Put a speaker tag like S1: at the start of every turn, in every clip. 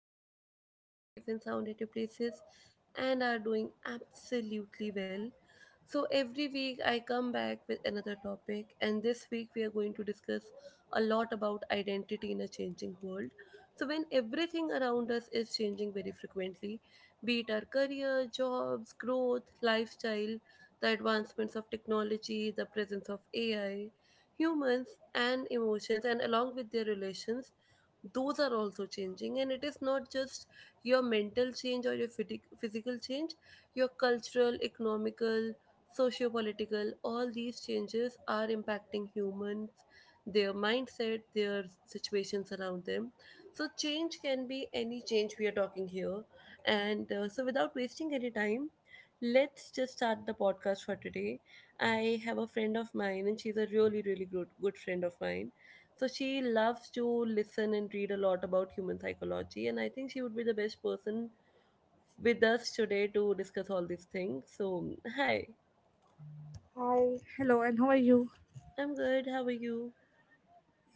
S1: I hope you guys are safe and sound at your places and are doing absolutely well. So every week I come back with another topic, and this week we are going to discuss a lot about identity in a changing world. So when everything around us is changing very frequently, be it our career, jobs, growth, lifestyle, the advancements of technology, the presence of AI, humans and emotions and along with their relations, those are also changing, and it is not just your mental change or your physical change, your cultural, economical, socio-political, all these changes are impacting humans, their mindset, their situations around them. So change can be any change we are talking here. And uh, so without wasting any time, let's just start the podcast for today. I have a friend of mine, and she's a really, really good friend of mine. So she loves to listen and read a lot about human psychology, and I think she would be the best person with us today to discuss all these things. So, hi.
S2: Hi. Hello, and how are you?
S1: I'm good. How are you?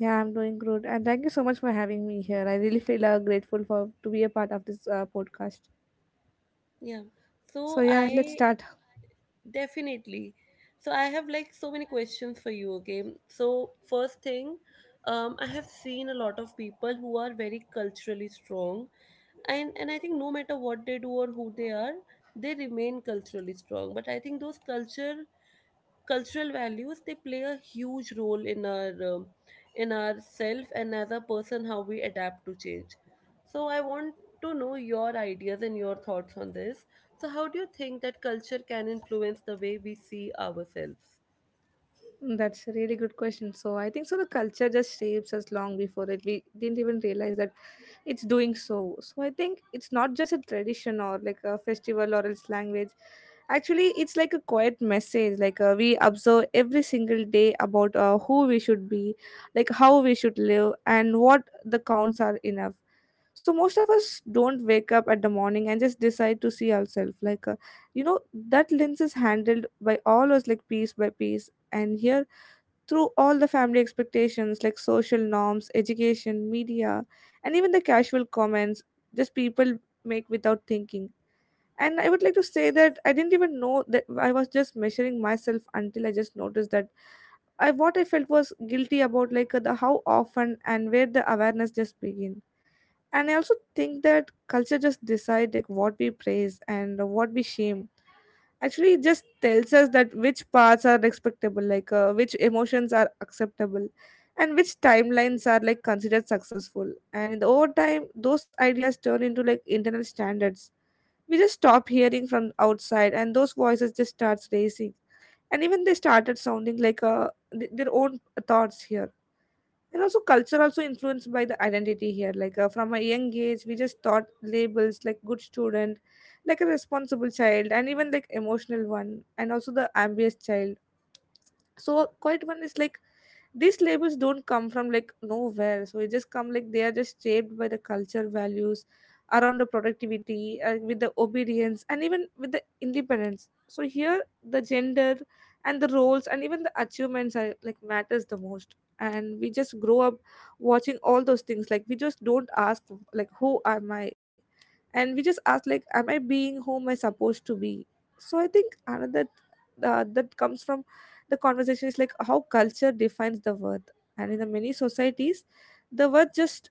S2: Yeah, I'm doing good, and thank you so much for having me here. I really feel grateful for to be a part of this podcast.
S1: Yeah. So
S2: So yeah, let's
S1: I
S2: start.
S1: definitely. So I have like so many questions for you, okay? So, first thing, I have seen a lot of people who are very culturally strong, and I think no matter what they do or who they are, they remain culturally strong. But I think those culture cultural values, they play a huge role in our self, and as a person how we adapt to change. So I want to know your ideas and your thoughts on this. So how do you think that culture can influence the way we see ourselves?
S2: Mm, that's a really good question. So I think so the culture just shapes us long before it. We didn't even realize that it's doing so. So I think it's not just a tradition or like a festival or its language. Actually, it's like a quiet message. Like we observe every single day about who we should be, like how we should live, and what the counts are enough. So most of us don't wake up at the morning and just decide to see ourselves. Like you know, that lens is handled by all us like piece by piece and here through all the family expectations like social norms education media and even the casual comments just people make without thinking. And I would like to say that I didn't even know that I was just measuring myself until I just noticed that I what I felt was guilty about like the how often and where the awareness just begin. And I also think that culture just decide like what we praise and what we shame. Actually it just tells us that which parts are respectable like which emotions are acceptable and which timelines are like considered successful, and in the over time those ideas turn into like internal standards. We just stop hearing from outside and those voices just starts racing, and even they started sounding like their own thoughts here. And also culture also influenced by the identity here like from a young age we just thought labels like good student, like a responsible child and even like emotional one and also the ambitious child. So quiet one is like these labels don't come from like nowhere, so it just come like they are just shaped by the culture values around the productivity and with the obedience and even with the independence. So here the gender and the roles and even the achievements are like matters the most, and we just grow up watching all those things like we just don't ask like who am I, and we just ask like am I being whom I supposed to be. So I think another that comes from the conversation is like how culture defines the worth, and in the many societies the worth just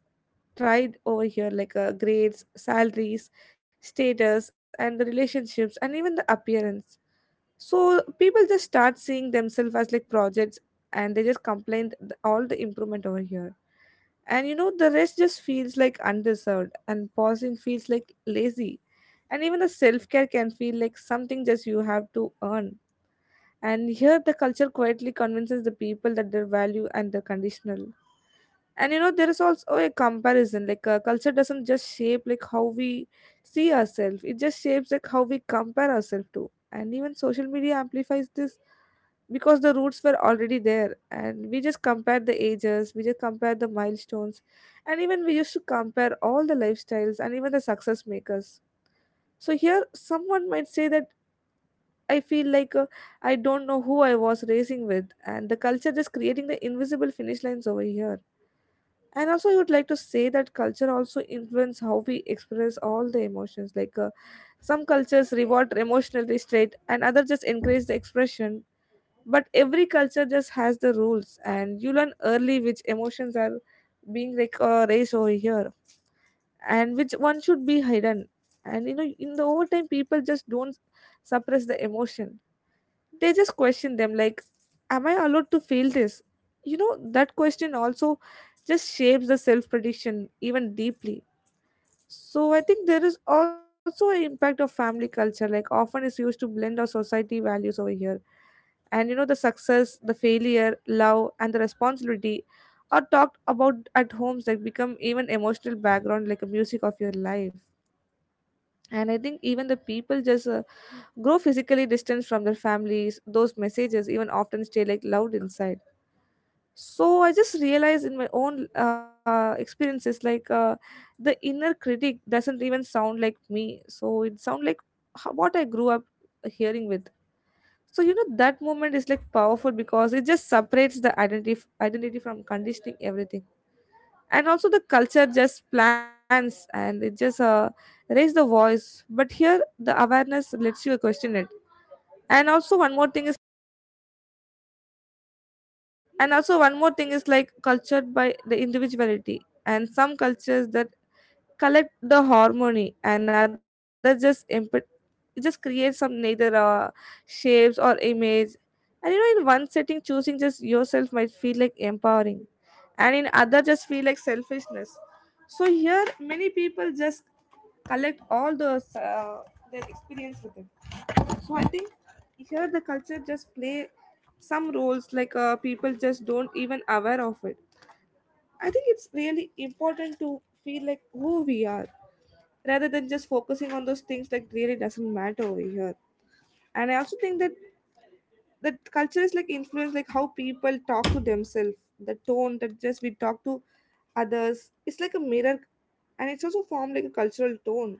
S2: tried over here like grades salaries status and the relationships and even the appearance. So people just start seeing themselves as like projects, and they just complain all the improvement over here. And you know the rest just feels like undeserved and pausing feels like lazy, and even the self-care can feel like something just you have to earn. And here the culture quietly convinces the people that their value and their conditional. And you know, there is also a comparison. Like culture doesn't just shape like how we see ourselves. It just shapes like how we compare ourselves to. And even social media amplifies this because the roots were already there, and we just compare the ages, we just compare the milestones, and even we used to compare all the lifestyles and even the success makers. So here someone might say that I feel like I don't know who I was racing with, and the culture is creating the invisible finish lines over here. And also, I would like to say that culture also influence how we express all the emotions. Like some cultures reward emotional restraint, and other just encourage the expression. But every culture just has the rules, and you learn early which emotions are being like raised over here, and which one should be hidden. And you know, in the overtime, people just don't suppress the emotion, they just question them like am I allowed to feel this. You know that question also just shapes the self prediction even deeply. So I think there is also an impact of family culture like often is used to blend our society values over here. And you know the success, the failure, love and the responsibility are talked about at homes like become even emotional background like a music of your life. And I think even the people just grow physically distant from their families, those messages even often stay like loud inside. So I just realized in my own experiences like the inner critic doesn't even sound like me, so it sound like what I grew up hearing with. So you know that moment is like powerful because it just separates the identity from conditioning everything. And also the culture just plans and it just raise the voice, but here the awareness lets you question it. And also one more thing is like cultured by the individuality, and some cultures that collect the harmony and others just just create some neither shapes or image. And you know in one setting choosing just yourself might feel like empowering, and in other just feel like selfishness. So here many people just collect all those their experience with it. So I think here the culture just play some roles like people just don't even aware of it. I think it's really important to feel like who we are rather than just focusing on those things that really doesn't matter over here. And I also think that that culture is like influence like how people talk to themselves. The tone that just we talk to others, it's like a mirror, and it's also formed like a cultural tone.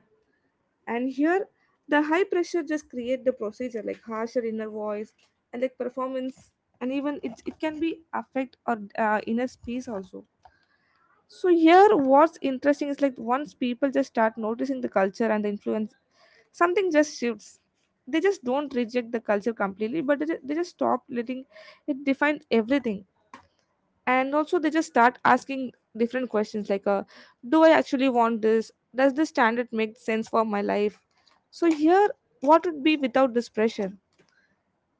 S2: And here the high pressure just create the procedure like harsher inner voice and like performance, and even it can be affect or inner space also. So here what's interesting is like once people just start noticing the culture and the influence, something just shifts. They just don't reject the culture completely, but they just stop letting it define everything. And also they just start asking different questions like do I actually want this, does this standard make sense for my life. So here, what would be without this pressure?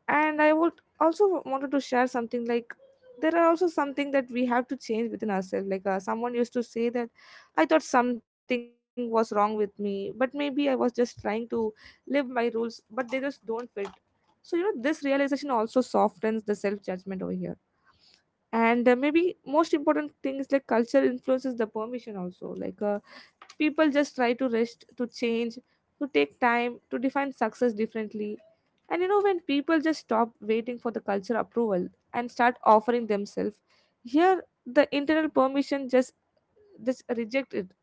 S2: And I would also wanted to share something like there are also something that we have to change within ourselves. Like someone used to say that I thought something was wrong with me, but maybe I was just trying to live my rules, but they just don't fit. So you know, this realization also softens the self judgment over here. And maybe most important thing is like culture influences the permission also. Like people just try to rest, to change, to take time, to define success differently. And you know, when people just stop waiting for the culture approval and start offering themselves, here the internal permission just reject it.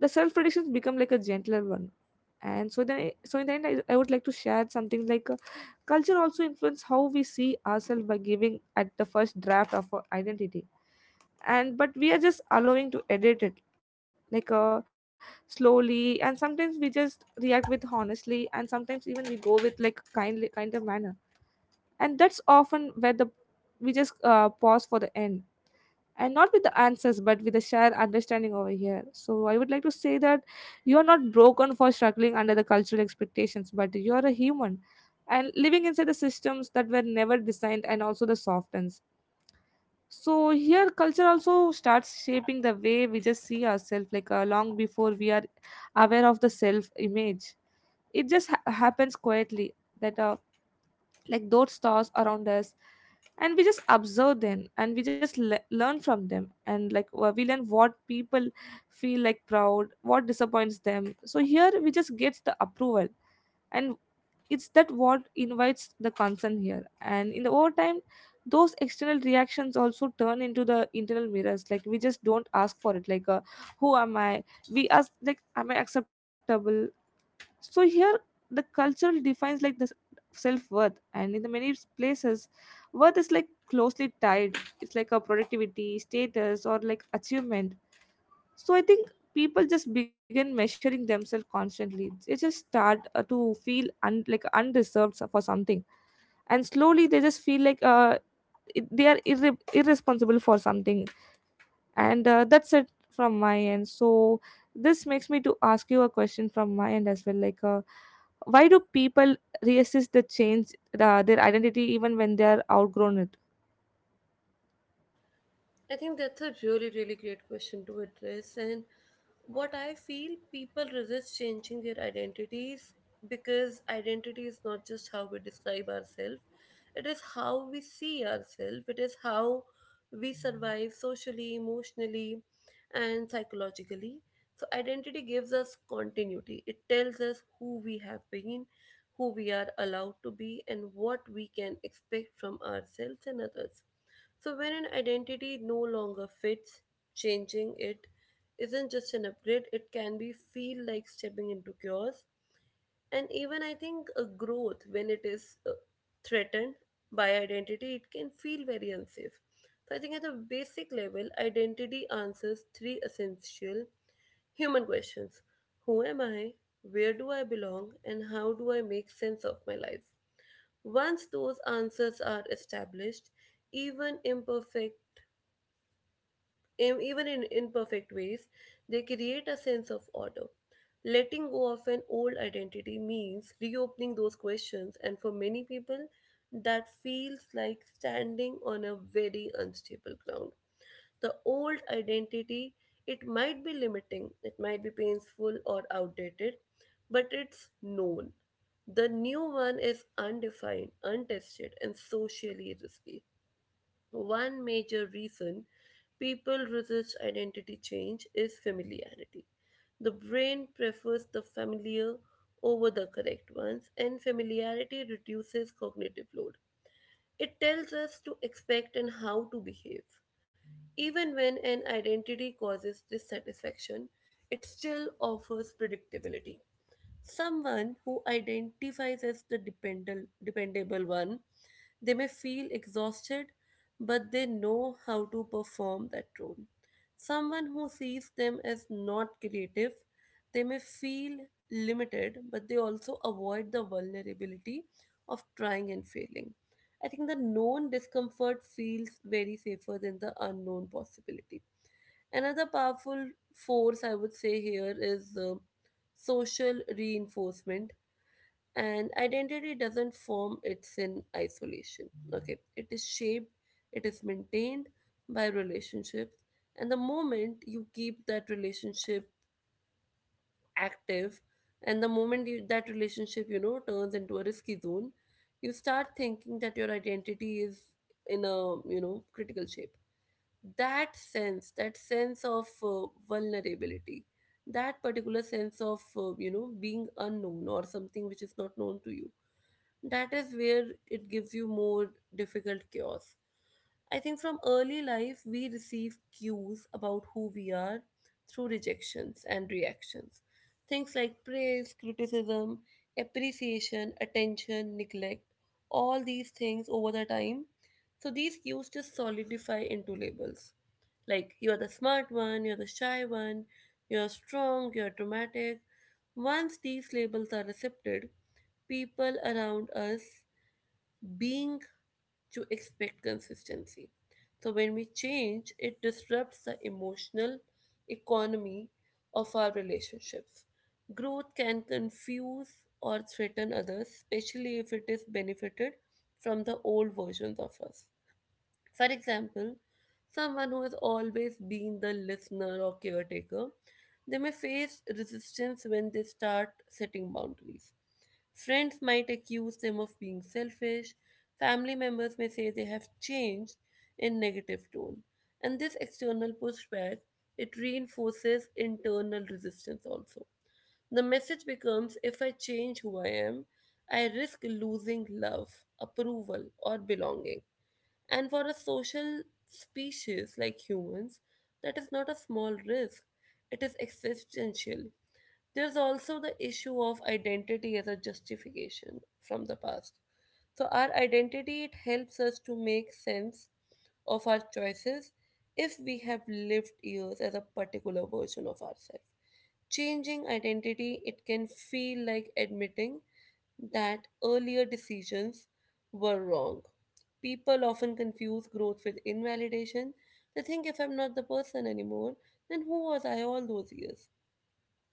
S2: The self predictions become like a gentler one. And so then, so in the end, I would like to share something like culture also influence how we see ourselves by giving at the first draft of our identity, and but we are just allowing to edit it like slowly, and sometimes we just react with honestly and sometimes even we go with like kindly kind of manner. And that's often where the we just pause for the end, and not with the answers but with the shared understanding over here. So I would like to say that you are not broken for struggling under the cultural expectations, but you are a human and living inside the systems that were never designed and also the softens. So here culture also starts shaping the way we just see ourselves like long before we are aware of the self image. It just happens quietly that like those stars around us, and we just observe them, and we just learn from them, and we learn what people feel like proud, what disappoints them, so here we just gets the approval. And it's that what invites the concern here, and in the overtime those external reactions also turn into the internal mirrors. Like we just don't ask for it, who am I, we ask like am I acceptable. So here the culture defines like this self-worth, and in the many places worth is like closely tied, it's like a productivity status or like achievement. So I think people just begin measuring themselves constantly. They just start to feel like undeserved for something, and slowly they just feel they are irresponsible for something. And that's it from my end. So this makes me to ask you a question from my end as well, why do people resist the change their identity even when they are outgrown it?
S1: I think that's a really, really great question to address. And what I feel, people resist changing their identities because identity is not just how we describe ourselves, it is how we see ourselves, it is how we survive socially, emotionally, and psychologically. So identity gives us continuity. It tells us who we have been, who we are allowed to be, and what we can expect from ourselves and others. So when an identity no longer fits, changing it isn't just an upgrade, it can be feel like stepping into chaos. And even I think a growth, when it is threatened by identity, it can feel very unsafe. So I think at a basic level, identity answers three essential human questions. Who am I? Where do I belong? And how do I make sense of my life? Once those answers are established, even imperfect, even in imperfect ways, they create a sense of order. Letting go of an old identity means reopening those questions, and for many people, that feels like standing on a very unstable ground. The old identity, it might be limiting, it might be painful or outdated, but it's known. The new one is undefined, untested, and socially risky. One major reason people resist identity change is familiarity. The brain prefers the familiar over the correct ones, and familiarity reduces cognitive load. It tells us to expect and how to behave. Even when an identity causes dissatisfaction, it still offers predictability. Someone who identifies as the dependable one, they may feel exhausted, but they know how to perform that role. Someone who sees them as not creative, they may feel limited, but they also avoid the vulnerability of trying and failing. I think the known discomfort feels very safer than the unknown possibility. Another powerful force I would say here is social reinforcement, and identity doesn't form it's in isolation. Okay, it is shaped, it is maintained by relationships, and the moment you keep that relationship active, and the moment you, that relationship you know turns into a risky zone, you start thinking that your identity is in a, you know, critical shape. That sense of vulnerability, that particular sense of you know, being unknown or something which is not known to you, that is where it gives you more difficult chaos. I think from early life we receive cues about who we are through rejections and reactions, things like praise, criticism, appreciation, attention, neglect, all these things over the time. So these cues just solidify into labels. Like you're the smart one, you're the shy one, you're strong, you're dramatic. Once these labels are accepted, people around us being to expect consistency. So when we change, it disrupts the emotional economy of our relationships. Growth can confuse or threaten others, especially if it is benefited from the old versions of us. For example, someone who has always been the listener or caretaker, they may face resistance when they start setting boundaries. Friends might accuse them of being selfish. Family members may say they have changed in negative tone. And this external pushback, it reinforces internal resistance also. The message becomes, if I change who I am, I risk losing love, approval, or belonging. And for a social species like humans, that is not a small risk, it is existential. There's also the issue of identity as a justification from the past. So our identity, it helps us to make sense of our choices if we have lived years as a particular version of ourselves. Changing identity, it can feel like admitting that earlier decisions were wrong. People often confuse growth with invalidation. They think, if I'm not the person anymore, then who was I all those years?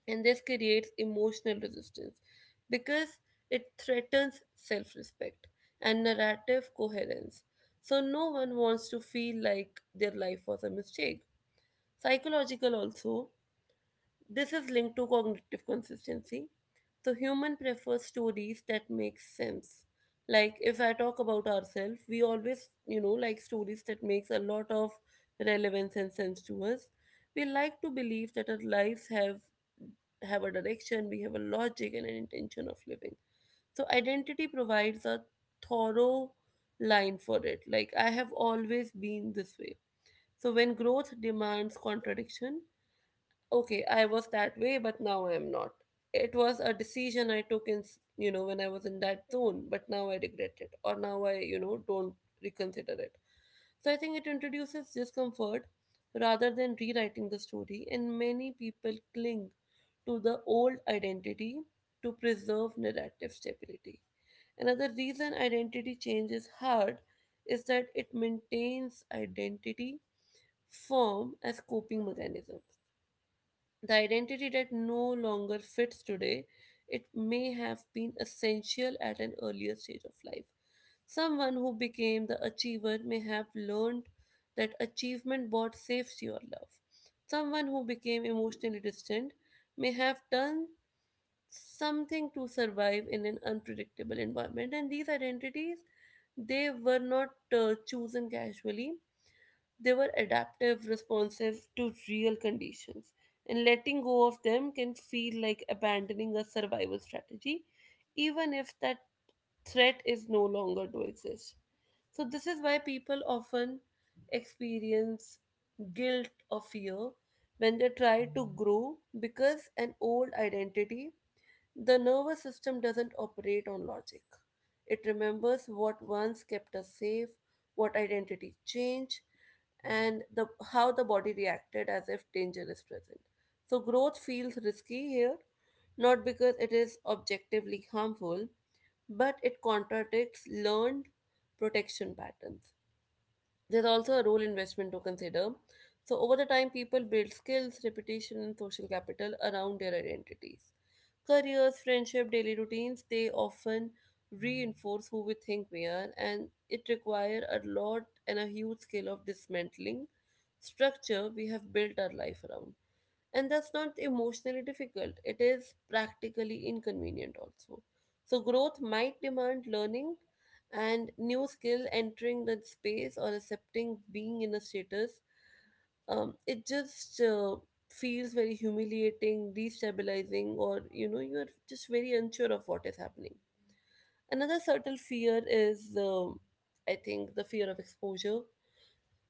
S1: And this creates emotional resistance because it threatens self respect and narrative coherence. So no one wants to feel like their life was a mistake. Psychological, also, this is linked to cognitive consistency. So human prefers stories that make sense. Like if I talk about ourselves, we always, you know, like stories that makes a lot of relevance and sense to us. We like to believe that our lives have a direction, we have a logic and an intention of living. So identity provides a thorough line for it. Like I have always been this way. So when growth demands contradiction, okay, I was that way, but now I am not. It was a decision I took in, you know, when I was in that zone, but now I regret it, or now I, you know, don't reconsider it. So I think it introduces discomfort rather than rewriting the story, and many people cling to the old identity to preserve narrative stability. Another reason identity change is hard is that it maintains identity form as coping mechanisms. The identity that no longer fits today, it may have been essential at an earlier stage of life. Someone who became the achiever may have learned that achievement bought safety or love. Someone who became emotionally distant may have done something to survive in an unpredictable environment. And these identities, they were not chosen casually, they were adaptive, responsive to real conditions, and letting go of them can feel like abandoning a survival strategy, even if that threat is no longer to exist. So this is why people often experience guilt or fear when they try to grow, because an old identity, the nervous system doesn't operate on logic. It remembers what once kept us safe, what identity changed, and the, how the body reacted as if danger is present. So growth feels risky here, not because it is objectively harmful, but it contradicts learned protection patterns. There's also a role investment to consider. So over the time, people build skills, reputation, and social capital around their identities. Careers, friendship, daily routines, they often reinforce who we think we are, and it requires a lot and a huge scale of dismantling structure we have built our life around. And that's not emotionally difficult, it is practically inconvenient also. So growth might demand learning and new skill, entering the space or accepting being in a status. It just feels very humiliating, destabilizing, or you know, you're just very unsure of what is happening. Another subtle fear is, I think, the fear of exposure.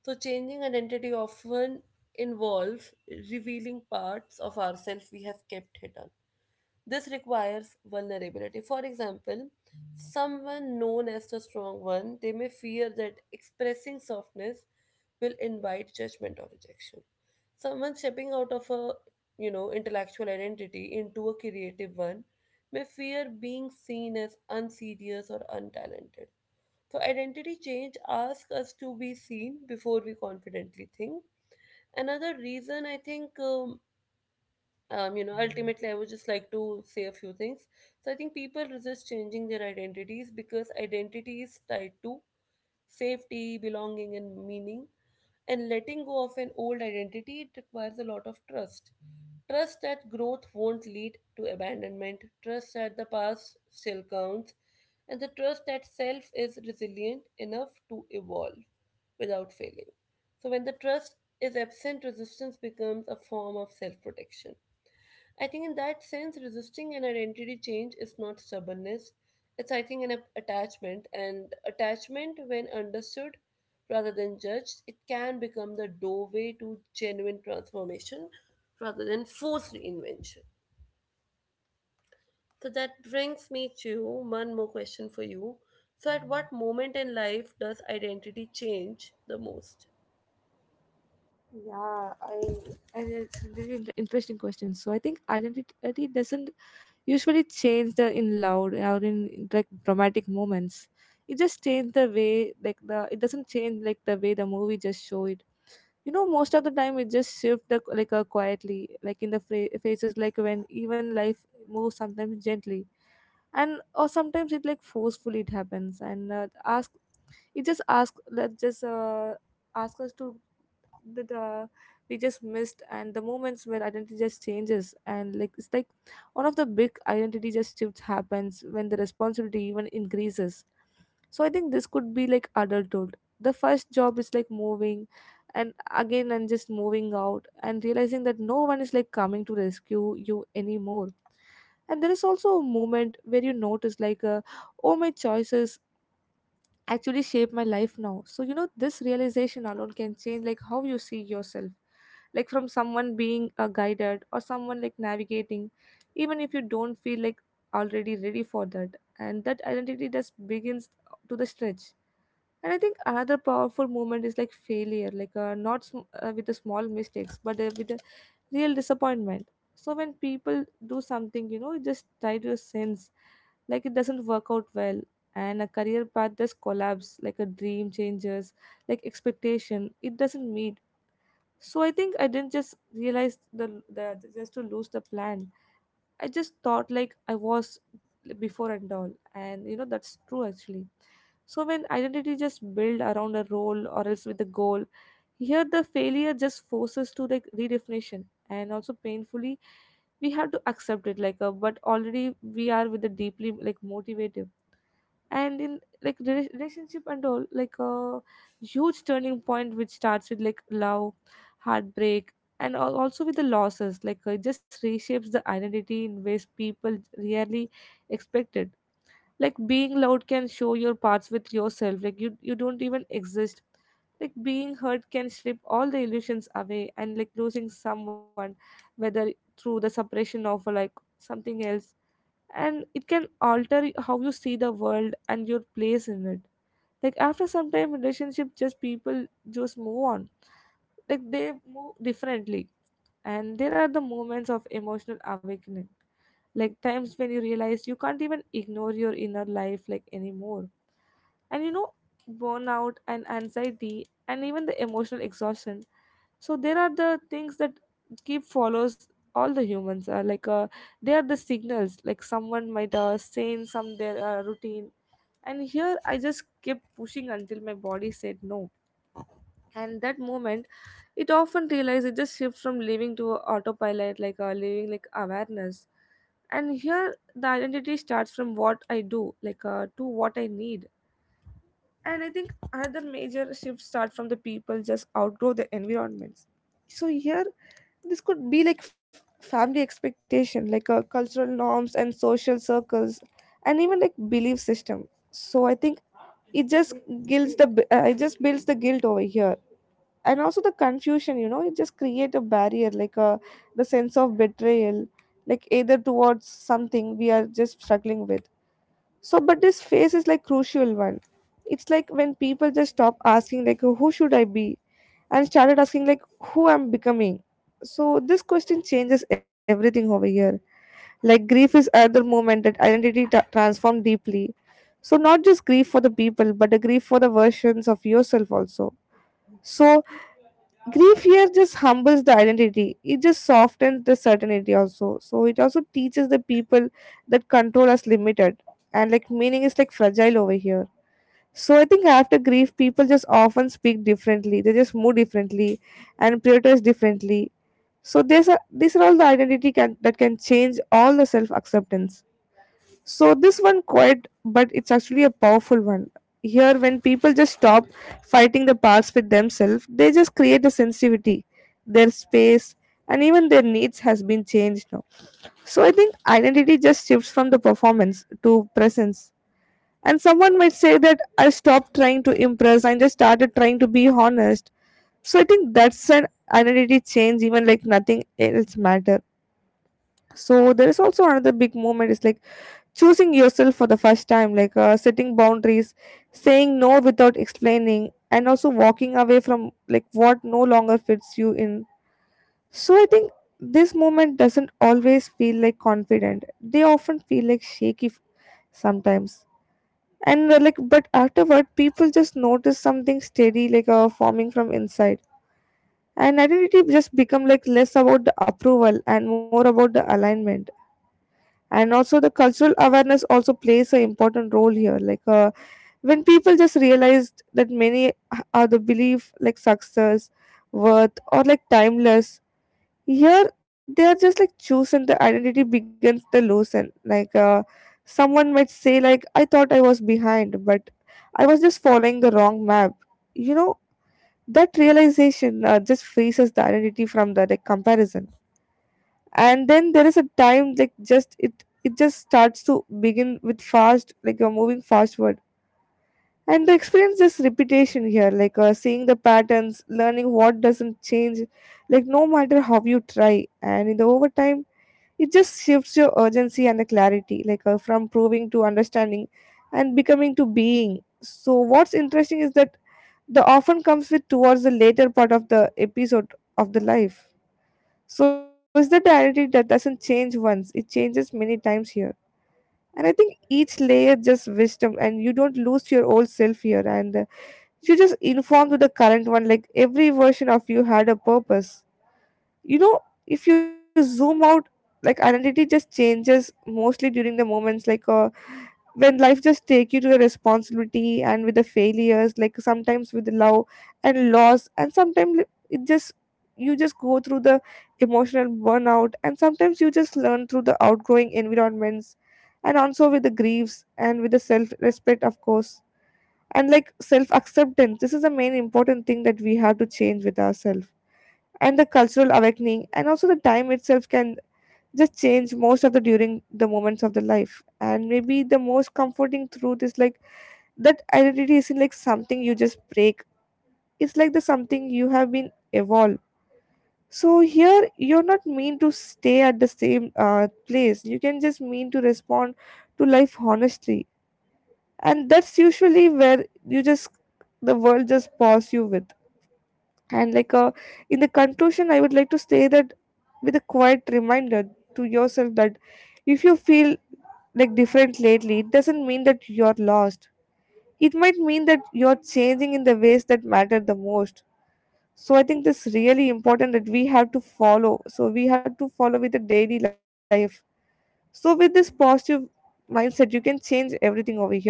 S1: So changing identity often involves revealing parts of ourselves we have kept hidden. This requires vulnerability. For example, someone known as the strong one, they may fear that expressing softness will invite judgment or rejection. Someone stepping out of a, you know, intellectual identity into a creative one may fear being seen as unserious or untalented. So identity change asks us to be seen before we confidently think. Another reason I think, You know, ultimately, I would just like to say a few things. So I think people resist changing their identities because identity is tied to safety, belonging, and meaning. And letting go of an old identity, it requires a lot of trust. Trust that growth won't lead to abandonment, trust that the past still counts, and the trust that self is resilient enough to evolve without failing. So, when the trust is absent, resistance becomes a form of self protection. I think in that sense, resisting an identity change is not stubbornness. It's, I think, an attachment. And attachment, when understood rather than judged, it can become the doorway to genuine transformation rather than forced reinvention. So that brings me to one more question for you. So, at what moment in life does identity change the most?
S2: Yeah, I and it's a really interesting question. So I think identity doesn't usually change the in loud or in like dramatic moments. It just change the way like the, it doesn't change like the way the movie just show it. You know, most of the time it just shift the, quietly, like in the phases, like when even life moves sometimes gently, and or sometimes it like forcefully it happens. And ask it just ask that just ask us to that we just missed and the moments where identity just changes, and like it's like one of the big identity just shifts happens when the responsibility even increases. So I think this could be like adulthood, the first job is like moving and again and just moving out and realizing that no one is like coming to rescue you anymore. And there is also a moment where you notice oh, my choices actually shape my life now. So you know this realization alone can change like how you see yourself, like from someone being guided or someone like navigating, even if you don't feel like already ready for that, and that identity just begins to the stretch. And I think another powerful moment is like failure, not with the small mistakes, but with the real disappointment. So when people do something, you know, it just tied to a sense, like it doesn't work out well, and a career path just collapse, like a dream changes, like expectation, it doesn't meet. So I think I didn't just realize the just to lose the plan. I just thought like I was before and all, and you know that's true actually. So when identity just build around a role or else with a goal, here the failure just forces to like redefinition, and also painfully we have to accept it like a, but already we are with a deeply like motivated and in like relationship and all, like a huge turning point which starts with like love, heartbreak, and also with the losses. It just reshapes the identity in ways people rarely expected. Like being loved can show your parts with yourself like you don't even exist. Like being hurt can strip all the illusions away, and like losing someone, whether through the separation of like something else, and it can alter how you see the world and your place in it. Like after some time relationship just people just move on, like they move differently. And there are the moments of emotional awakening, like times when you realize you can't even ignore your inner life like anymore. And you know, burnout and anxiety and even the emotional exhaustion, so there are the things that keep follows all the humans, they are the signals. Like someone might say in some their routine, and here I just kept pushing until my body said no. And that moment, it often realized it just shifts from living to autopilot, living like awareness. And here the identity starts from what I do, to what I need. And I think another major shift start from the people just outgrow their environments. So here, this could be like family expectation, cultural norms and social circles, and even like belief system. So I think it just builds the it just builds the guilt over here, and also the confusion. You know, it just create a barrier, the sense of betrayal, like either towards something we are just struggling with. So, but this phase is like crucial one. It's like when people just stop asking like who should I be, and started asking like who I'm becoming. So this question changes everything over here. Like grief is another moment that identity ta transformed deeply. So not just grief for the people, but the grief for the versions of yourself also. So grief here just humbles the identity. It just softens the certainty also. So it also teaches the people that control is limited, and like meaning is like fragile over here. So I think after grief, people just often speak differently. They just move differently and prioritize differently. So these are, these are all the identity can that can change all the self acceptance. So this one quiet, but it's actually a powerful one. Here, when people just stop fighting the past with themselves, they just create a sensitivity. Their space and even their needs has been changed now. So I think identity just shifts from the performance to presence. And someone might say that I stopped trying to impress and just started trying to be honest. So I think that's an identity change, even like nothing else matter. So there is also another big moment is like choosing yourself for the first time, setting boundaries, saying no without explaining, and also walking away from like what no longer fits you in. So I think this moment doesn't always feel like confident, they often feel like shaky sometimes. And like but afterward people just notice something steady, forming from inside, and identity just become like less about the approval and more about the alignment. And also the cultural awareness also plays an important role here, when people just realized that many are the belief like success, worth or like timeless, here they are just like chosen, the identity begins to loosen. Someone might say like I thought I was behind, but I was just following the wrong map, you know. That realization just frees us the identity from the like comparison. And then there is a time like just it, it just starts to begin with fast, like you're moving fastward, and the experience is repetition here, seeing the patterns, learning what doesn't change like no matter how you try. And in the overtime it just shifts your urgency and the clarity, from proving to understanding, and becoming to being. So what's interesting is that the often comes with towards the later part of the episode of the life. So it's the identity that doesn't change once, it changes many times here. And I think each layer just wisdom, and you don't lose your old self here, and you just inform to the current one. Like every version of you had a purpose, you know. If you zoom out, like identity just changes mostly during the moments when life just take you to the responsibility, and with the failures, like sometimes with love and loss, and sometimes it just, you just go through the emotional burnout, and sometimes you just learn through the outgrowing environments, and also with the griefs, and with the self respect of course. And like self acceptance, this is the main important thing that we have to change with ourselves. And the cultural awakening, and also the time itself can just change most of the during the moments of the life. And maybe the most comforting truth is like that identity isn't like something you just break, it's like the something you have been evolved. So here you're not mean to stay at the same place, you can just mean to respond to life honestly, and that's usually where you just the world just paws you with. And in the conclusion, I would like to say that with a quiet reminder to yourself, that if you feel like different lately, it doesn't mean that you're lost. It might mean that you're changing in the ways that matter the most. So I think this really important that we have to follow. So we have to follow with the daily life. So with this positive mindset, you can change everything over here.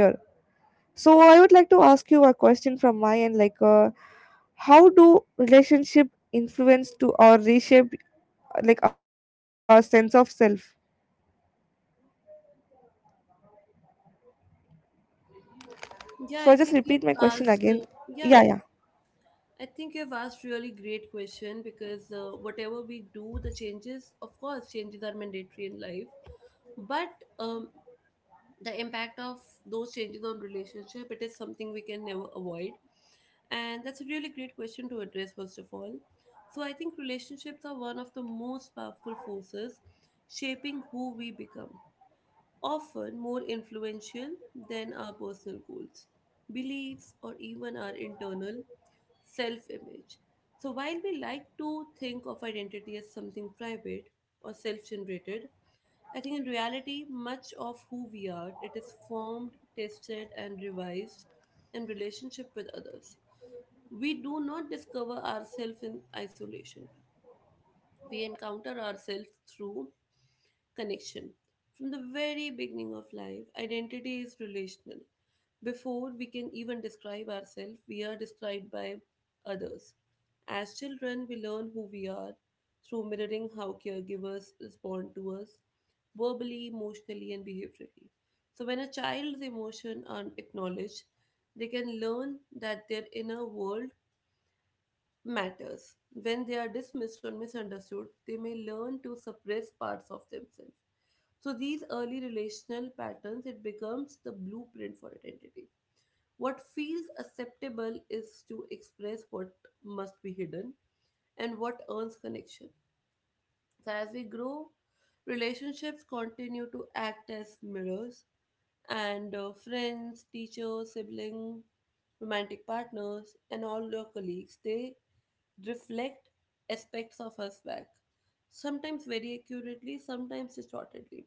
S2: So I would like to ask you a question from my end, like, how do relationship influence to or reshape like our sense of self?
S1: Yeah,
S2: So
S1: I
S2: I just
S1: think you've
S2: repeat my question
S1: asked.
S2: again.
S1: Yeah,
S2: Yeah,
S1: yeah.
S2: yeah.
S1: I think you've asked really great question because whatever we do, the changes, of course, changes are mandatory in life, but um, the impact of those changes on relationship, it is something we can never avoid, and that's a really great question to address first of all. So I think relationships are one of the most powerful forces shaping who we become often more influential than our personal goals, beliefs, or even our internal self image. So, while we like to think of identity as something private or self generated, I think in reality, much of who we are, it is formed, tested, and revised in relationship with others. We do not discover ourselves in isolation. We encounter ourselves through connection. From the very beginning of life, identity is relational. Before we can even describe ourselves, we are described by others. As children, we learn who we are through mirroring how caregivers respond to us, verbally, emotionally, and behaviorally. So, when a child's emotions are acknowledged, they can learn that their inner world matters. When they are dismissed or misunderstood, they may learn to suppress parts of themselves. So these early relational patterns, it becomes the blueprint for identity. What feels acceptable is to express what must be hidden and what earns connection. So as we grow, relationships continue to act as mirrors and friends, teachers, siblings, romantic partners and all your colleagues, they reflect aspects of us back, sometimes very accurately, sometimes distortedly.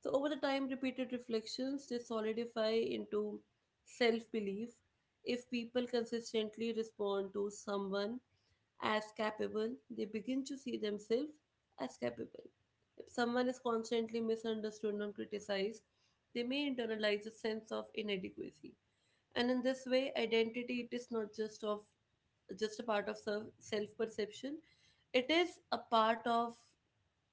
S1: So, over the time, repeated reflections they solidify into self belief. If people consistently respond to someone as capable, they begin to see themselves as capable. If someone is constantly misunderstood and criticized, they may internalize a sense of inadequacy. And in this way, identity it is not just of just a part of self perception, it is a part of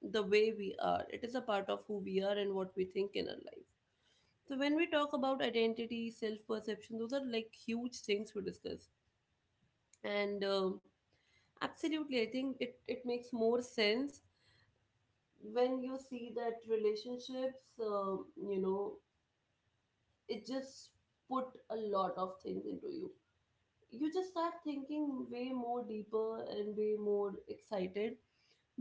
S1: the way we are, it is a part of who we are and what we think in our life. So when we talk about identity self perception, those are like huge things we discuss. And absolutely I think it makes more sense when you see that relationships, um, you know it just put a lot of things into you. You just start thinking way more deeper and way more excited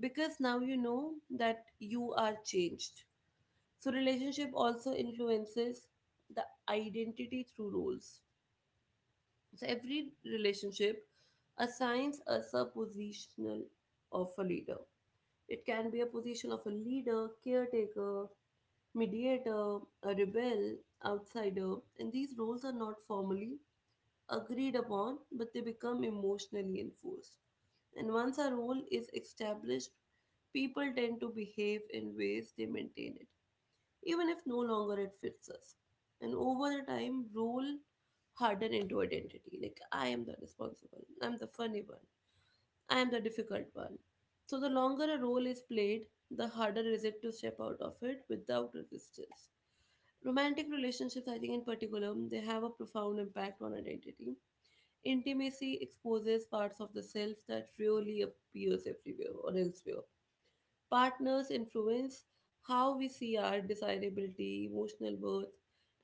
S1: because now you know that you are changed. So relationship also influences the identity through roles. So every relationship assigns us a positional of a leader. It can be a position of a leader, caretaker, mediator, a rebel, outsider, and these roles are not formally agreed upon, but they become emotionally enforced. And once a role is established, people tend to behave in ways they maintain it even if no longer it fits us. And over the time, role harden into identity. Like, I am the responsible, I'm the funny one, I am the difficult one. So, the longer a role is played, the harder is it to step out of it without resistance. Romantic relationships, I think, in particular, they have a profound impact on identity. Intimacy exposes parts of the self that really appears everywhere or elsewhere. Partners influence how we see our desirability, emotional worth,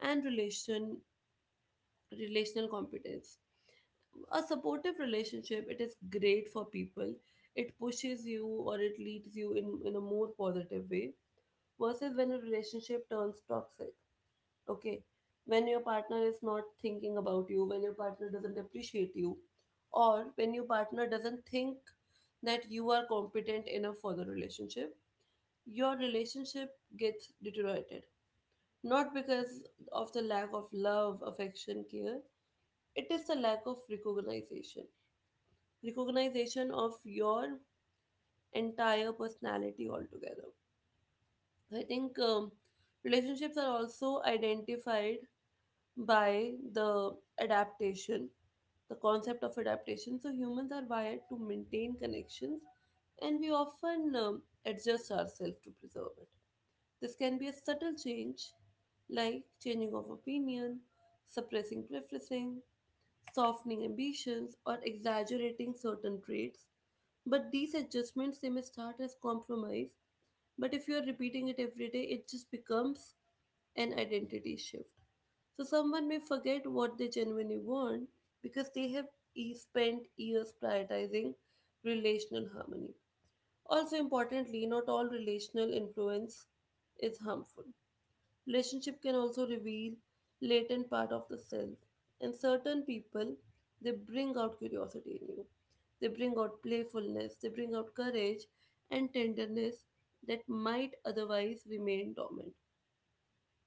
S1: and relational competence. A supportive relationship, it is great for people. It pushes you or it leads you in a more positive way versus when a relationship turns toxic. Okay. When your partner is not thinking about you, when your partner doesn't appreciate you, or when your partner doesn't think that you are competent enough for the relationship, your relationship gets deteriorated. Not because of the lack of love, affection, care, it is the lack of recognition. Recognition of your entire personality altogether. I think relationships are also identified by the adaptation, the concept of adaptation. So humans are wired to maintain connections and we often adjust ourselves to preserve it. This can be a subtle change, like changing of opinion, suppressing preferences, softening ambitions, or exaggerating certain traits. But these adjustments they may start as compromise, but if you are repeating it every day, it just becomes an identity shift. So someone may forget what they genuinely want because they have spent years prioritizing relational harmony. Also importantly, not all relational influence is harmful. Relationship can also reveal latent part of the self. And certain people, they bring out curiosity in you. They bring out playfulness, they bring out courage and tenderness that might otherwise remain dormant.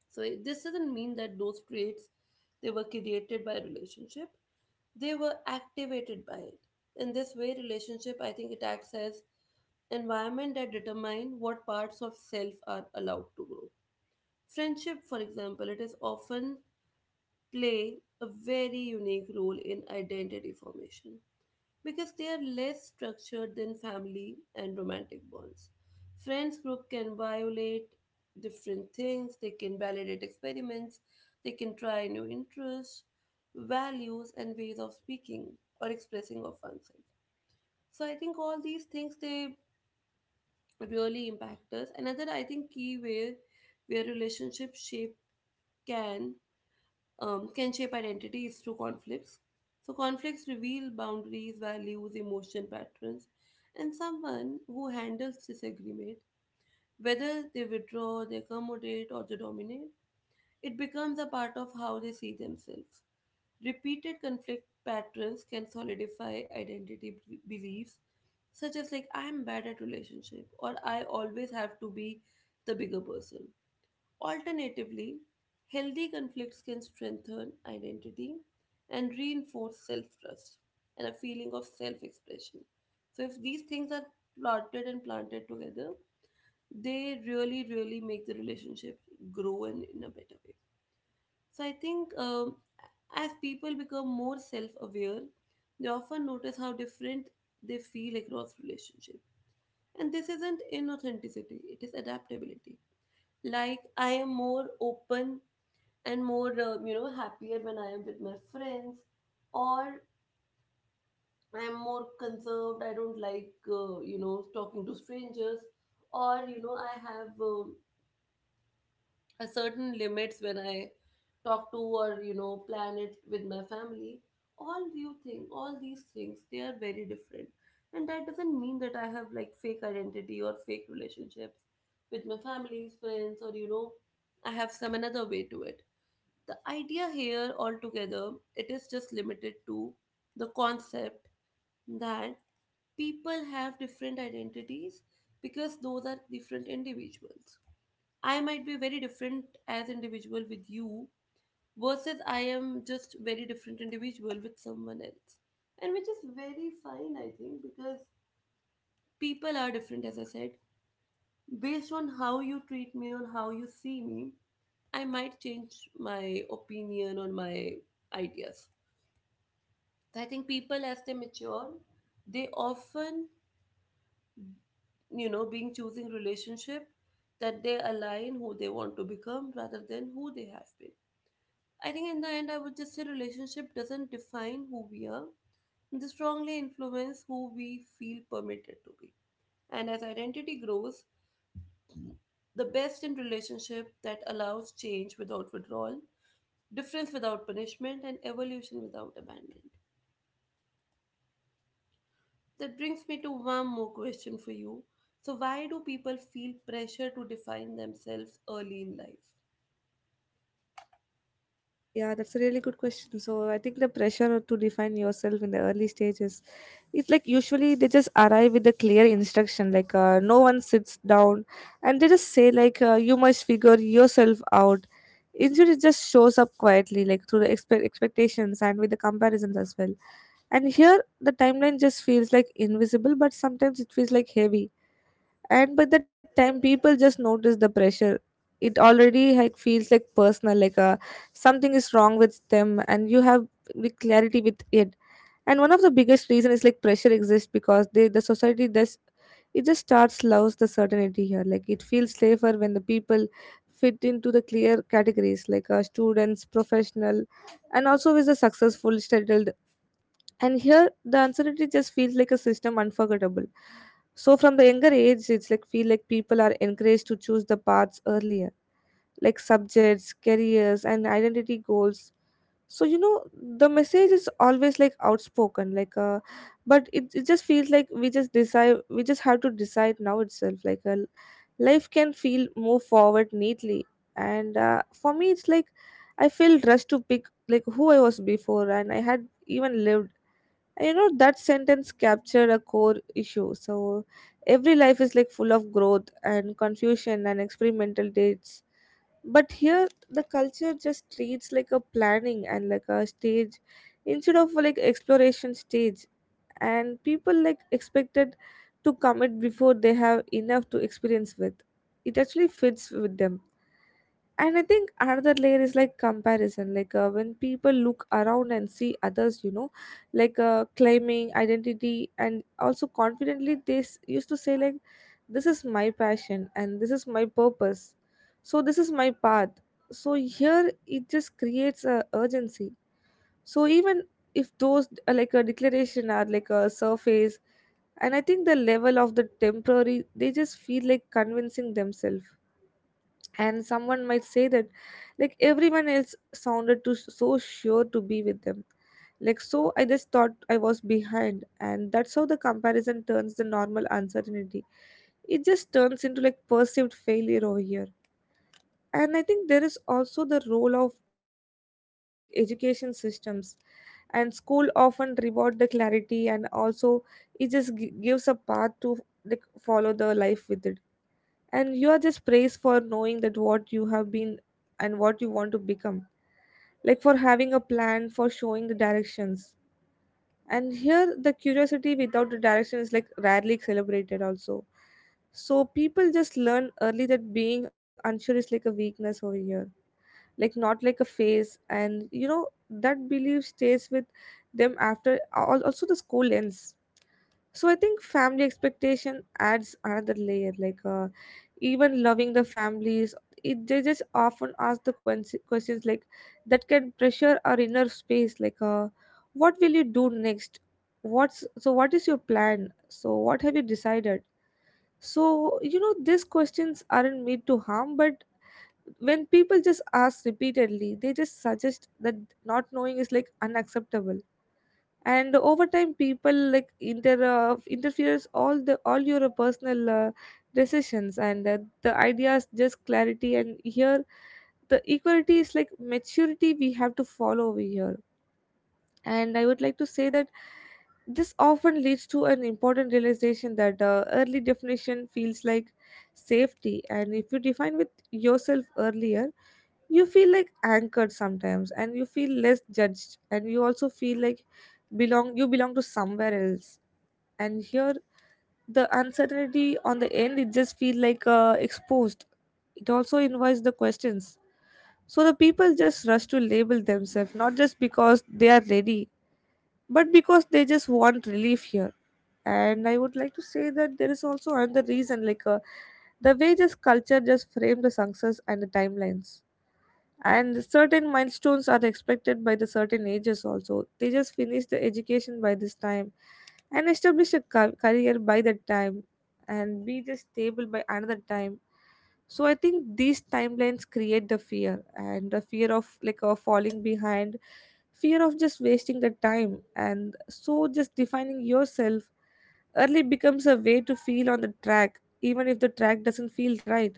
S1: So this doesn't mean that those traits they were created by relationship. They were activated by it. In this way, relationship I think it acts as environment that determine what parts of self are allowed to grow. Friendship, for example, it is often play a very unique role in identity formation because they are less structured than family and romantic bonds. Friends group can violate different things, they can validate experiments, they can try new interests, values and ways of speaking or expressing of oneself. So I think all these things they really impact us. Another I think key way where relationship shape can can shape identities through conflicts. So, conflicts reveal boundaries, values, emotion patterns, and someone who handles disagreement, whether they withdraw, they accommodate, or they dominate, it becomes a part of how they see themselves. Repeated conflict patterns can solidify identity beliefs, such as like I am bad at relationship or I always have to be the bigger person. Alternatively, healthy conflicts can strengthen identity and reinforce self trust and a feeling of self expression. So, if these things are plotted and planted together, they really, really make the relationship grow and in a better way. So, I think as people become more self aware, they often notice how different they feel across relationship. And this isn't inauthenticity, it is adaptability. Like, I am more open and more you know happier when I am with my friends, or I am more conserved, I don't like you know talking to strangers, or you know I have a certain limits when I talk to or you know plan it with my family. All you think all these things they are very different, and that doesn't mean that I have like fake identity or fake relationships with my families friends or you know I have some another way to it. The idea here altogether, it is just limited to the concept that people have different identities because those are different individuals. I might be very different as individual with you versus I am just very different individual with someone else, and which is very fine I think because people are different as I said. Based on how you treat me, on how you see me, I might change my opinion or my ideas. So, I think people as they mature, they often, you know, being choosing relationship that they align who they want to become rather than who they have been. I think in the end I would just say relationship doesn't define who we are. They strongly influence who we feel permitted to be. And as identity grows, the best in relationship that allows change without withdrawal, difference without punishment, and evolution without abandonment. That brings me to one more question for you. So, why do people feel pressure to define themselves early in life?
S2: Yeah, that's a really good question. So I think the pressure to define yourself in the early stages, it's like usually they just arrive with a clear instruction, no one sits down and they just say like you must figure yourself out. Instead, it just shows up quietly, like through the expectations and with the comparisons as well. And here the timeline just feels like invisible, but sometimes it feels like heavy. And by the time people just notice the pressure, it already like feels like personal, like something is wrong with them and you have the clarity with it. And one of the biggest reason is like pressure exists because the society does. It just starts loves the certainty here, like it feels safer when the people fit into the clear categories, like students, professional, and also with the successful, settled. And here the uncertainty just feels like a system unforgettable. So from the younger age, it's like feel like people are encouraged to choose the paths earlier, like subjects, careers, and identity goals. So you know the message is always like outspoken, like but it just feels like we just have to decide now itself. Like life can feel move forward neatly, and for me it's like I feel rushed to pick like who I was before, and I had even lived. And you know that sentence captured a core issue. So every life is like full of growth and confusion and experimental dates. But here the culture just treats like a planning and like a stage instead of like exploration stage, and people like expected to commit before they have enough to experience with. It actually fits with them. And I think another layer is like comparison, like when people look around and see others, you know, like claiming identity and also confidently used to say like this is my passion and this is my purpose, so this is my path. So here it just creates a urgency, so even if those like a declaration are like a surface. And I think the level of the temporary they just feel like convincing themselves. And someone might say that like everyone else sounded too so sure to be with them, like so I just thought I was behind, and that's how the comparison turns the normal uncertainty, it just turns into like perceived failure over here. And I think there is also the role of like education systems, and school often reward the clarity, and also it just gives a path to like follow the life with it. And you are just praised for knowing that what you have been and what you want to become, like for having a plan, for showing the directions. And here the curiosity without the direction is like rarely celebrated also. So people just learn early that being unsure is like a weakness over here, like not like a phase. And you know that belief stays with them after also the school ends. So I think family expectation adds another layer, like even loving the families, they just often ask the questions like that can pressure our inner space, like what will you do next, what is your plan, so what have you decided? So you know these questions aren't meant to harm, but when people just ask repeatedly, they just suggest that not knowing is like unacceptable. And over time people like interferes all your personal decisions and the ideas just clarity. And here the equality is like maturity we have to follow over here. And I would like to say that this often leads to an important realization that early definition feels like safety, and if you define with yourself earlier, you feel like anchored sometimes, and you feel less judged, and you also feel like belong you belong to somewhere else. And here the uncertainty on the end, it just feel like exposed. It also invites the questions. So the people just rush to label themselves, not just because they are ready but because they just want relief here. And I would like to say that there is also another reason, like the way just culture just frame the success and the timelines. And certain milestones are expected by the certain ages also: they just finish the education by this time, and establish a career by that time, and be just stable by another time. So I think these timelines create the fear, and the fear of like falling behind, fear of just wasting the time. And so just defining yourself early becomes a way to feel on the track, even if the track doesn't feel right.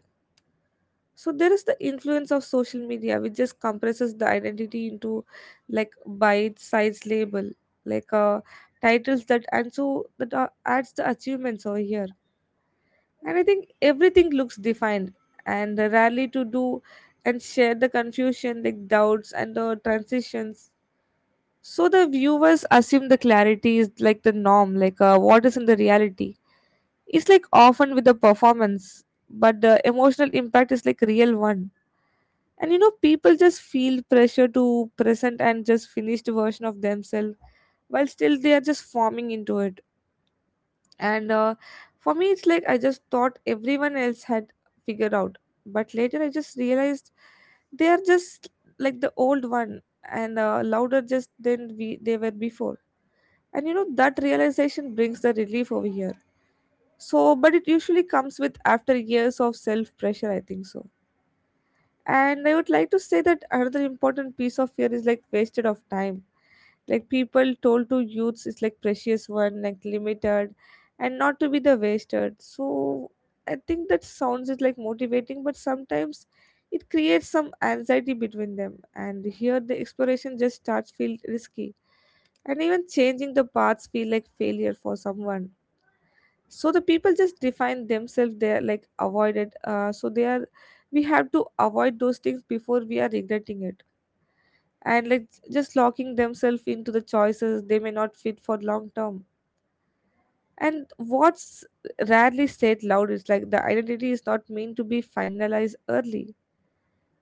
S2: So there is the influence of social media, which just compresses the identity into like bite size label, like titles that, and so that adds the achievements over here. And I think everything looks defined, and rarely to do and share the confusion like doubts and the transitions. So the viewers assume the clarity is like the norm, like what is in the reality, it's like often with the performance, but the emotional impact is like real one. And you know people just feel pressure to present and just finished version of themselves while still they are just forming into it. And for me it's like I just thought everyone else had figured out, but later I just realized they are just like the old one, and louder just than we they were before. And you know that realization brings the relief over here. So but it usually comes with after years of self pressure, I think so. And I would like to say that another important piece of fear is like wasted of time. Like people told to youths is like precious one, like limited, and not to be the wasted. So I think that sounds is like motivating, but sometimes it creates some anxiety between them. And here the exploration just starts feel risky, and even changing the paths feel like failure for someone. So the people just define themselves, they're like avoided, so they are, we have to avoid those things before we are regretting it, and like just locking themselves into the choices they may not fit for long term. And what's rarely said loud is like the identity is not meant to be finalized early.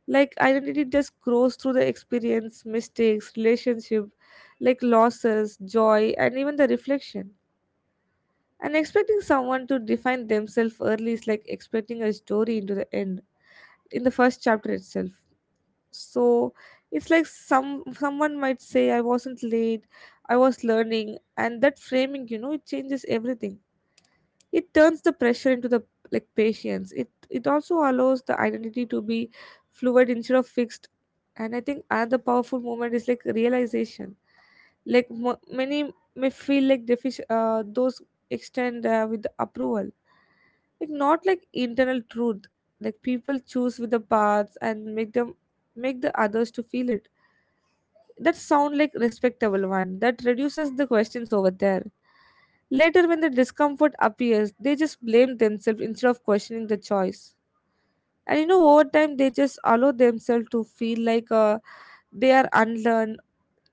S2: Like identity just grows through the experience, mistakes, relationship, like losses, joy, and even the reflection. And expecting someone to define themselves early is like expecting a story into the end, in the first chapter itself. So it's like someone might say, I wasn't late, I was learning, and that framing, you know, it changes everything. It turns the pressure into the like patience. It also allows the identity to be fluid instead of fixed. And I think another powerful moment is like realization. Like many may feel like those extend with the approval, like not like internal truth. Like people choose with the paths and make the others to feel it. That sound like respectable one that reduces the questions over there. Later when the discomfort appears, they just blame themselves instead of questioning the choice. And you know over time they just allow themselves to feel like they are unlearned.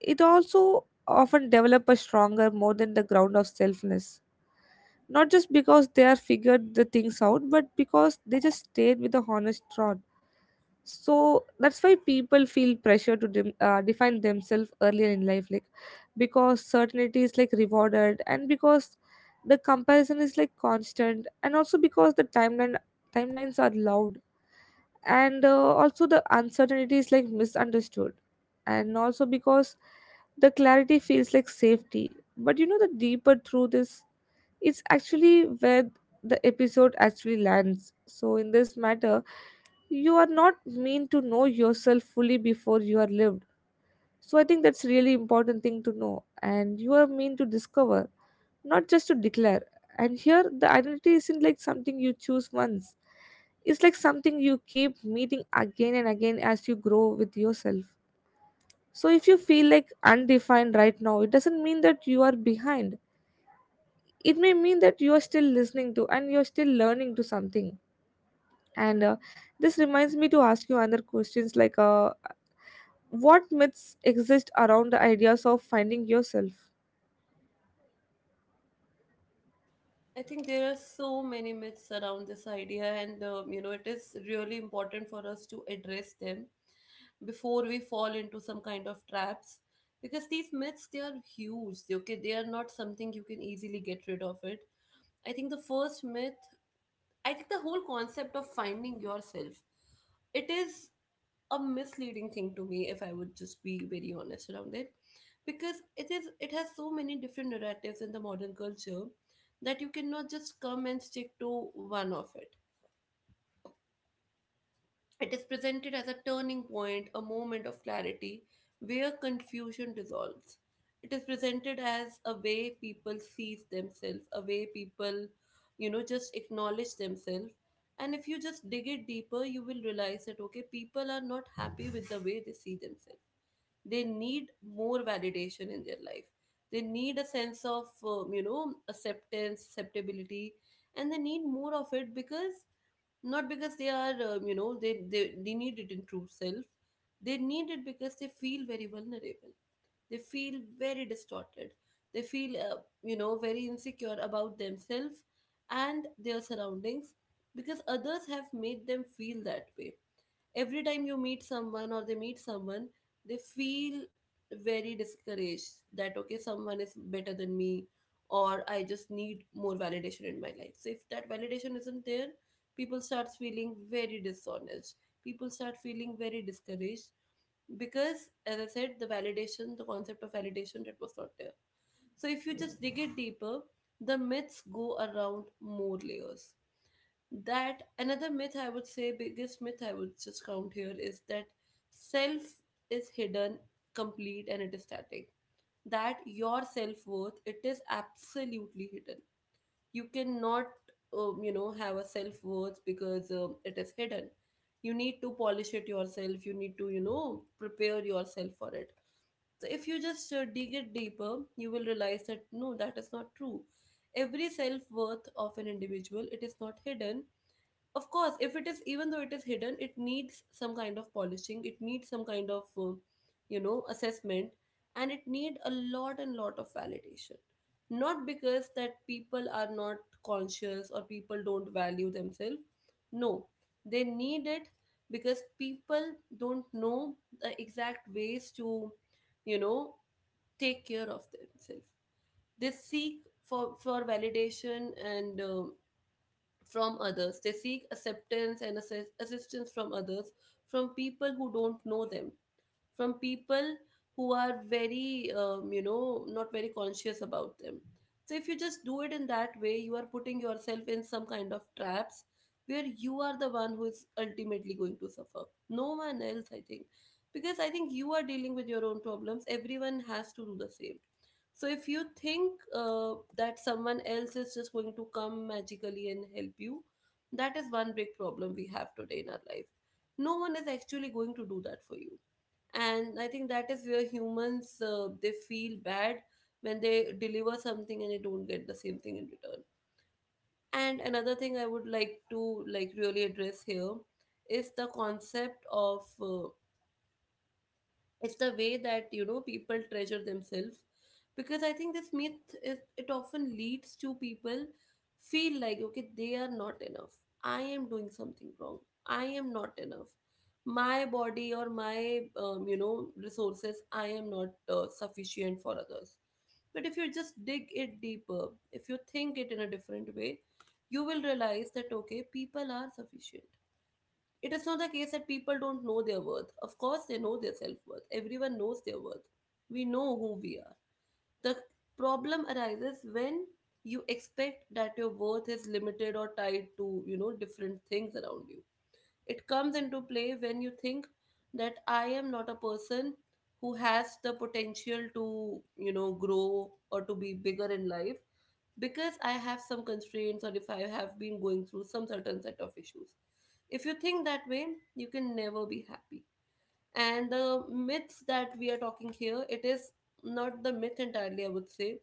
S2: It also often develop a stronger more than the ground of selfness, not just because they are figured the things out but because they just stayed with the honest trod. So that's why people feel pressure to dem define themselves earlier in life, like because certainty is like rewarded, and because the comparison is like constant, and also because the timelines are loud, and also the uncertainty is like misunderstood, and also because the clarity feels like safety. But you know the deeper truth is, it's actually where the episode actually lands. So, in this matter, you are not meant to know yourself fully before you are lived. So, I think that's really important thing to know, and you are meant to discover, not just to declare. And here, the identity isn't like something you choose once. It's like something you keep meeting again and again as you grow with yourself. So, if you feel like undefined right now, it doesn't mean that you are behind, it may mean that you are still listening to and you're still learning to something. And this reminds me to ask you other questions, like what myths exist around the ideas of finding yourself?
S1: I think there are so many myths around this idea, and you know, it is really important for us to address them before we fall into some kind of traps because these myths they are huge. They- Okay, they are not something you can easily get rid of it. I think the first myth I think the whole concept of finding yourself, it is a misleading thing to me if I would just be very honest around it. Because it has so many different narratives in the modern culture that you cannot just come and stick to one of it. It is presented as a turning point, a moment of clarity where confusion dissolves. It is presented as a way people sees themselves, a way people, you know, just acknowledge themselves. And if you just dig it deeper, you will realize that, okay, people are not happy with the way they see themselves. They need more validation in their life. They need a sense of, acceptance, acceptability, and they need more of it because not because they are they need it in true self. They need it because they feel very vulnerable. They feel very distorted. They feel very insecure about themselves and their surroundings because others have made them feel that way. Every time you meet someone or they meet someone, they feel very discouraged that, okay, someone is better than me, or I just need more validation in my life. So if that validation isn't there, people starts feeling very dishonest. People start feeling very discouraged because, as I said, the validation, the concept of validation, that was not there. So if you just dig it deeper, the myths go around more layers. That another myth, I would say biggest myth I would just count here is that self is hidden, complete, and it is static. That your self-worth, it is absolutely hidden. You cannot you know, have a self-worth because it is hidden. You need to polish it yourself. You need to, you know, prepare yourself for it. So if you just dig it deeper, you will realize that no, that is not true. Every self-worth of an individual, it is not hidden. Of course, if it is, even though it is hidden, it needs some kind of polishing. It needs some kind of you know, assessment, and it need a lot and lot of validation. Not because that people are not conscious or people don't value themselves. No, they need it because people don't know the exact ways to, you know, take care of themselves. They seek for validation and from others. They seek acceptance and assistance from others, from people who don't know them, from people who are very you know, not very conscious about them. So if you just do it in that way, you are putting yourself in some kind of traps where you are the one who is ultimately going to suffer, no one else, I think. Because I think you are dealing with your own problems. Everyone has to do the same. So if you think that someone else is just going to come magically and help you, that is one big problem we have today in our life. No one is actually going to do that for you. And I think that is where humans they feel bad when they deliver something and they don't get the same thing in return. And another thing I would like to, like, really address here is the concept of it's the way that, you know, people treasure themselves. Because I think this myth is it often leads to people feel like, okay, they are not enough. I am doing something wrong. I am not enough. My body or my you know, resources, I am not sufficient for others. But if you just dig it deeper, if you think it in a different way, you will realize that, okay, people are sufficient. It is not the case that people don't know their worth. Of course, they know their self worth. Everyone knows their worth. We know who we are. The problem arises when you expect that your worth is limited or tied to, you know, different things around you. It comes into play when you think that I am not a person who has the potential to, you know, grow or to be bigger in life because I have some constraints or if I have been going through some certain set of issues. If you think that way, you can never be happy. And the myths that we are talking here, it is not the myth entirely, I would say.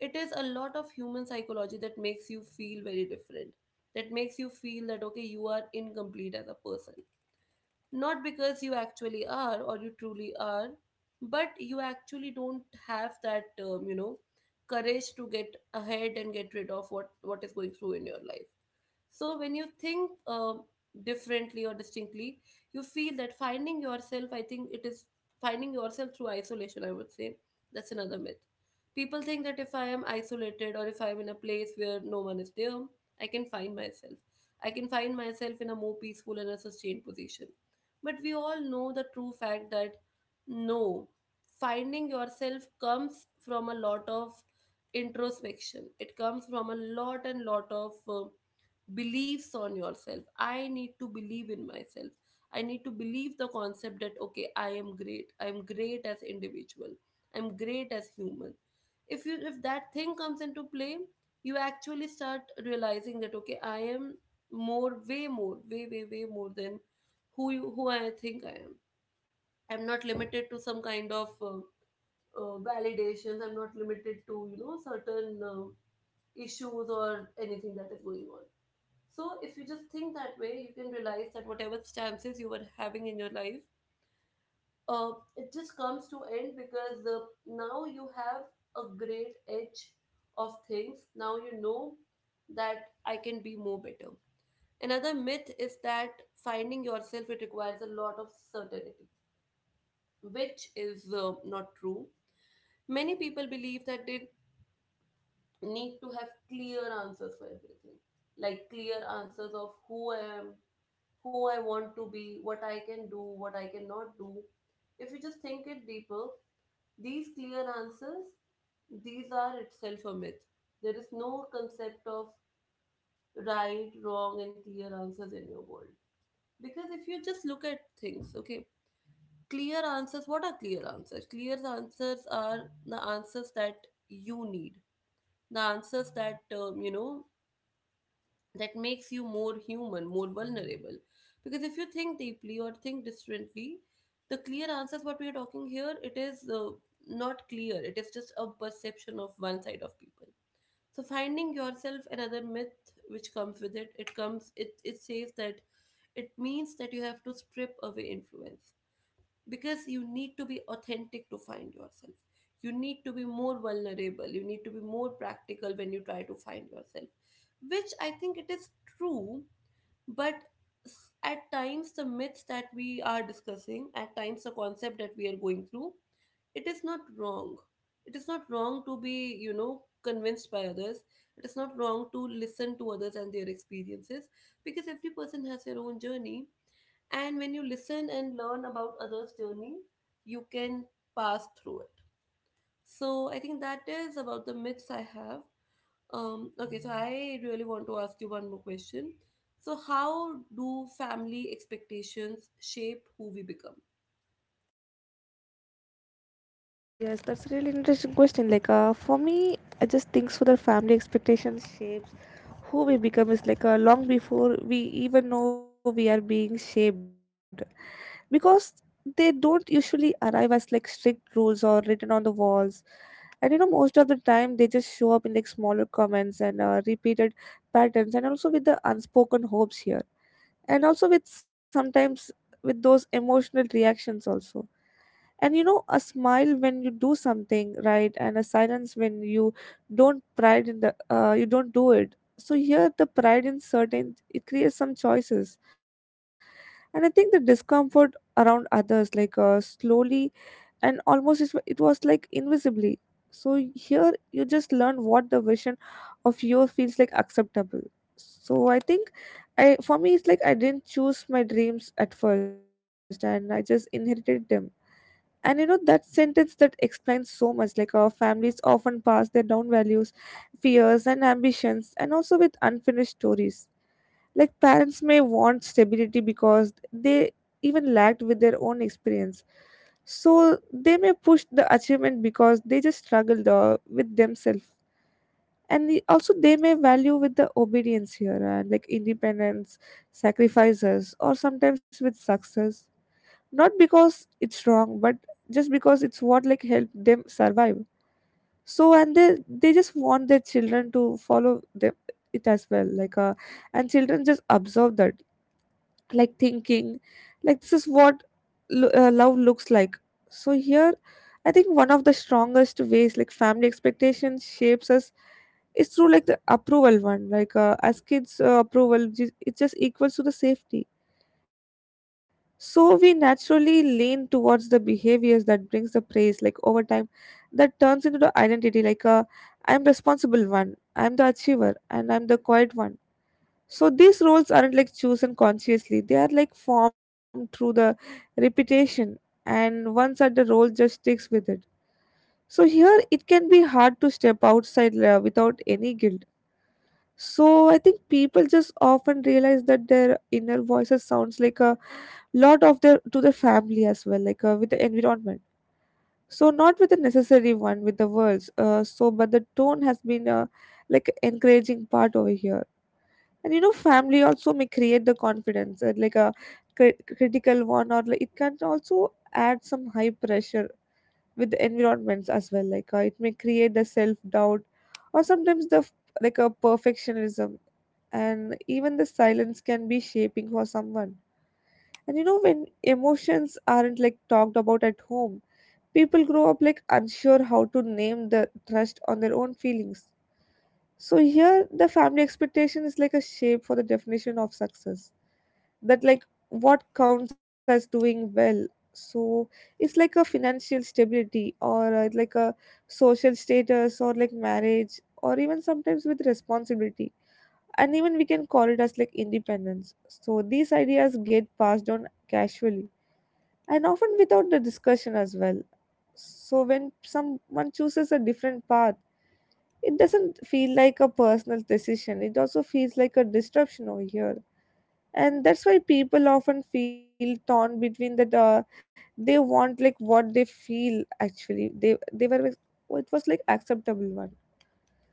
S1: It is a lot of human psychology that makes you feel very different, that makes you feel that, okay, you are incomplete as a person. Not because you actually are or you truly are, but you actually don't have that, courage to get ahead and get rid of what is going through in your life. So when you think differently or distinctly, you feel that finding yourself, I think it is finding yourself through isolation, I would say. That's another myth. People think that if I am isolated or if I'm in a place where no one is there, I can find myself. I can find myself in a more peaceful and a sustained position. But we all know the true fact that no, finding yourself comes from a lot of introspection. It comes from a lot and lot of beliefs on yourself. I need to believe in myself. I need to believe the concept that, okay, I am great. I am great as individual. I'm great as human. If that thing comes into play, you actually start realizing that, okay, I am more, way more, way more than who you who I think I am. I'm not limited to some kind of validations. I'm not limited to, you know, certain issues or anything that is going on. So if you just think that way, you can realize that whatever stances you were having in your life, it just comes to end because now you have a great edge of things. Now you know that I can be more better. Another myth is that finding yourself, it requires a lot of certainty, which is not true. Many people believe that they need to have clear answers for everything, like clear answers of who I am, who I want to be, what I can do, what I cannot do. If you just think it deeper, these clear answers, these are itself a myth. There is no concept of right, wrong, and clear answers in your world. Because if you just look at things, okay, clear answers, what are clear answers? Clear answers are the answers that you need, the answers that, that makes you more human, more vulnerable. Because if you think deeply or think differently, the clear answers what we are talking here, it is not clear. It is just a perception of one side of people. So finding yourself, another myth which comes with it, it comes it it says that it means that you have to strip away influence because you need to be authentic to find yourself. You need to be more vulnerable. You need to be more practical when you try to find yourself, which I think it is true. But at times the myths that we are discussing, at times the concept that we are going through, it is not wrong. It is not wrong to be, you know, convinced by others. It is not wrong to listen to others and their experiences because every person has their own journey. And when you listen and learn about others' journey, you can pass through it. So I think that is about the myths I have. Okay, so I really want to ask you one more question. So how do family expectations shape who we become?
S2: Yes, that's a really interesting question. Like, for me, I just think so that family expectations shapes who we become is like long before we even know we are being shaped, because they don't usually arrive as like strict rules or written on the walls. And you know most of the time they just show up in like smaller comments and repeated patterns, and also with the unspoken hopes here, and also with sometimes with those emotional reactions also. And you know, a smile when you do something right, and a silence when you don't, pride in the you don't do it. So here, the pride in certain it creates some choices, and I think the discomfort around others, like slowly and almost it was like invisibly. So here, you just learn what the version of you feels like acceptable. So I think, I for me, it's like I didn't choose my dreams at first, and I just inherited them. And you know that sentence that explains so much, like our families often pass their down values, fears and ambitions, and also with unfinished stories. Like parents may want stability because they even lacked with their own experience, so they may push the achievement because they just struggled with themselves. And also they may value with the obedience here and like independence, sacrifices, or sometimes with success, not because it's wrong but just because it's what like helped them survive. So and they just want their children to follow them, it as well, like and children just absorb that, like thinking like this is what love looks like. So here, I think one of the strongest ways like family expectations shapes us is through like the approval one, like as kids, approval it just equals to the safety. So we naturally lean towards the behaviors that brings the praise, like over time that turns into the identity, like I'm responsible one, I'm the achiever, and I'm the quiet one. So these roles aren't like chosen consciously. They are like formed through the repetition, and once that the role just sticks with it. So here it can be hard to step outside without any guilt. So I think people just often realize that their inner voices sounds like a lot of their to their family as well, like with the environment. So not with the necessary one with the words, so but the tone has been like encouraging part over here. And you know, family also may create the confidence, like a critical one, or like it can also add some high pressure with the environments as well, like it may create the self doubt, or sometimes the like a perfectionism. And even the silence can be shaping for someone. And you know, when emotions aren't like talked about at home, people grow up like unsure how to name the trust on their own feelings. So here, the family expectation is like a shape for the definition of success. That like what counts as doing well. So it's like a financial stability, or like a social status, or like marriage, or even sometimes with responsibility, and even we can call it as like independence. So these ideas get passed on casually, and often without the discussion as well. So when someone chooses a different path, it doesn't feel like a personal decision. It also feels like a disruption over here. And that's why people often feel torn between that, they want like what they feel actually. They were like, oh, it was like acceptable one.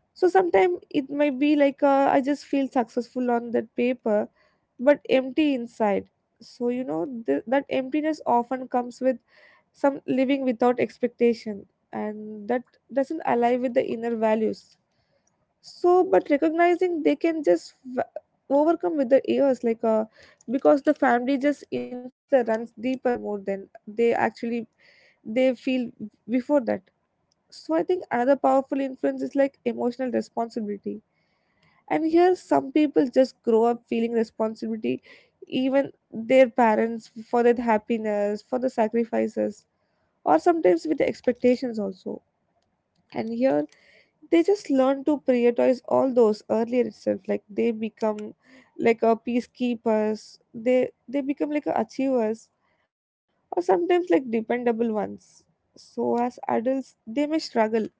S2: So sometimes it may be like, I just feel successful on that paper, but empty inside. So you know, that emptiness often comes with some living without expectation, and that doesn't align with the inner values. So but recognizing they can just overcome with the years, like because the family just influence the runs deeper more than they actually they feel before that. So I think another powerful influence is like emotional responsibility. And here some people just grow up feeling responsibility, even their parents for their happiness, for the sacrifices, or sometimes with the expectations also. And here they just learn to prioritize all those earlier itself. Like they become like a peacekeepers, they become like a achievers, or sometimes like dependable ones. So as adults they may struggle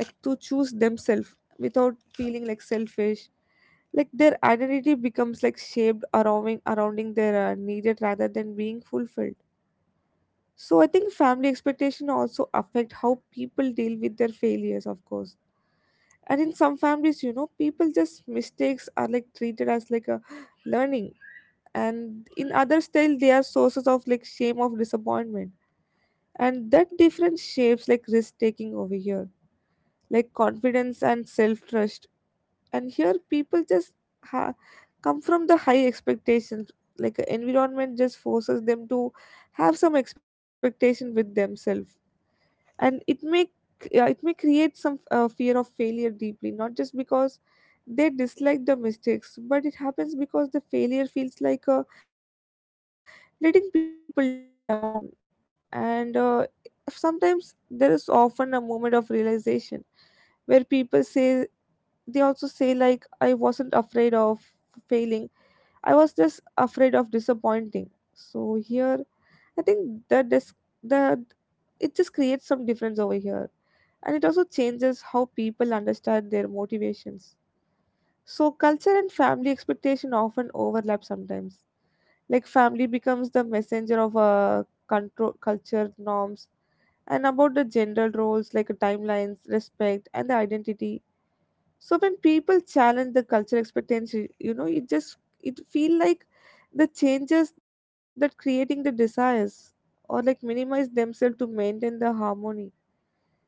S2: like to choose themselves without feeling like selfish. Like their identity becomes like shaped around surrounding their needed rather than being fulfilled. So I think family expectation also affect how people deal with their failures, of course. And in some families, you know, people just mistakes are like treated as like a learning. And in others still they are sources of like shame of disappointment. And that difference shapes like risk taking over here. Like confidence and self trust. And here people just ha- come from the high expectations. Like a environment just forces them to have some expectation with themselves, and it may, yeah, it may create some fear of failure deeply, not just because they dislike the mistakes, but it happens because the failure feels like, letting people down. And sometimes there is often a moment of realization where people say, they also say like, I wasn't afraid of failing, I was just afraid of disappointing. So here I think that this, that it just creates some difference over here, and it also changes how people understand their motivations. So, culture and family expectation often overlap sometimes. Like, family becomes the messenger of control, culture norms, and about the gender roles, like timelines, respect, and the identity. So, when people challenge the culture expectations, you know, it just, it feel like the changes that creating the desires, or like minimize themselves to maintain the harmony.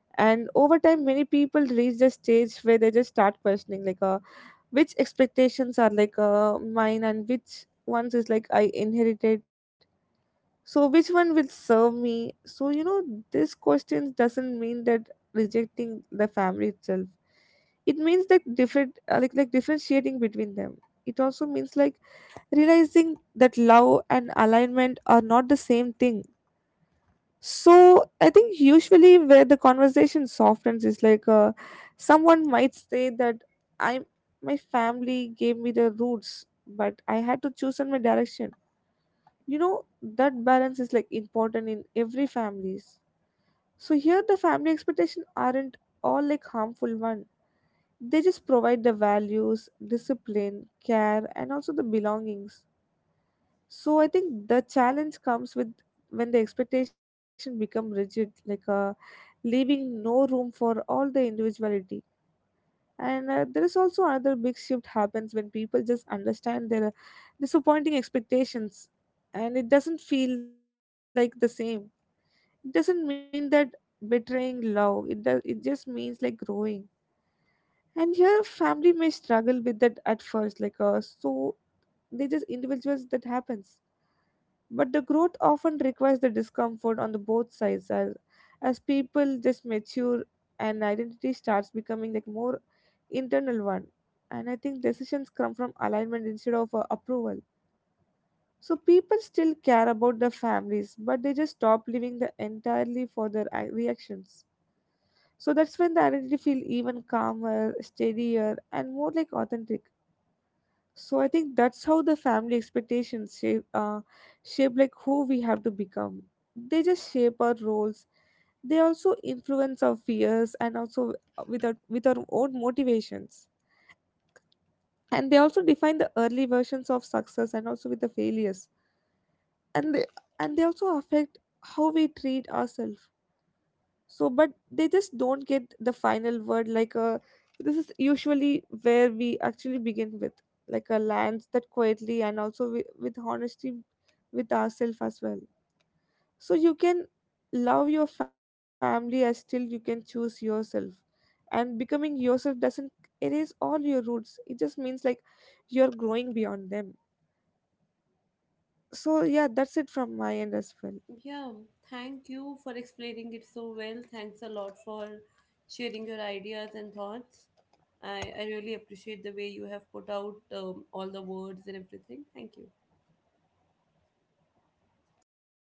S2: And over time many people reach the stage where they just start questioning, like which expectations are like, mine, and which ones is like I inherited, so which one will serve me. So you know, this question doesn't mean that rejecting the family itself. It means that different, like differentiating between them. It also means like realizing that love and alignment are not the same thing. So I think usually where the conversation softens is like, someone might say that, I, my family gave me the roots, but I had to choose on my direction. You know that balance is like important in every families. So here the family expectation aren't all like harmful one. They just provide the values, discipline, care, and also the belongings. So I think the challenge comes with, when the expectation become rigid, like leaving no room for all the individuality. And there is also another big shift happens when people just understand their disappointing expectations, and it doesn't feel like the same. It doesn't mean that betraying love. It does. It just means like growing. And here, family may struggle with that at first, like so they just individuals that happens. But the growth often requires the discomfort on the both sides, as people just mature, and identity starts becoming like more internal one. And I think decisions come from alignment instead of approval. So people still care about their families, but they just stop living the entirely for their reactions. So that's when the identity feel even calmer, steadier, and more like authentic. So I think that's how the family expectations shape like who we have to become. They just shape our roles. They also influence our fears, and also with our own motivations. And they also define the early versions of success, and also with the failures. And they, also affect how we treat ourselves. So but they just don't get the final word, like a, this is usually where we actually begin with, like a lands that quietly, and also with honesty with ourselves as well. So you can love your family as still you can choose yourself, and becoming yourself doesn't erase all your roots. It just means like you're growing beyond them. So yeah, that's it from my end as well.
S1: Yeah, thank you for explaining it so well. Thanks a lot for sharing your ideas and thoughts. I really appreciate the way you have put out all the words and everything. Thank you.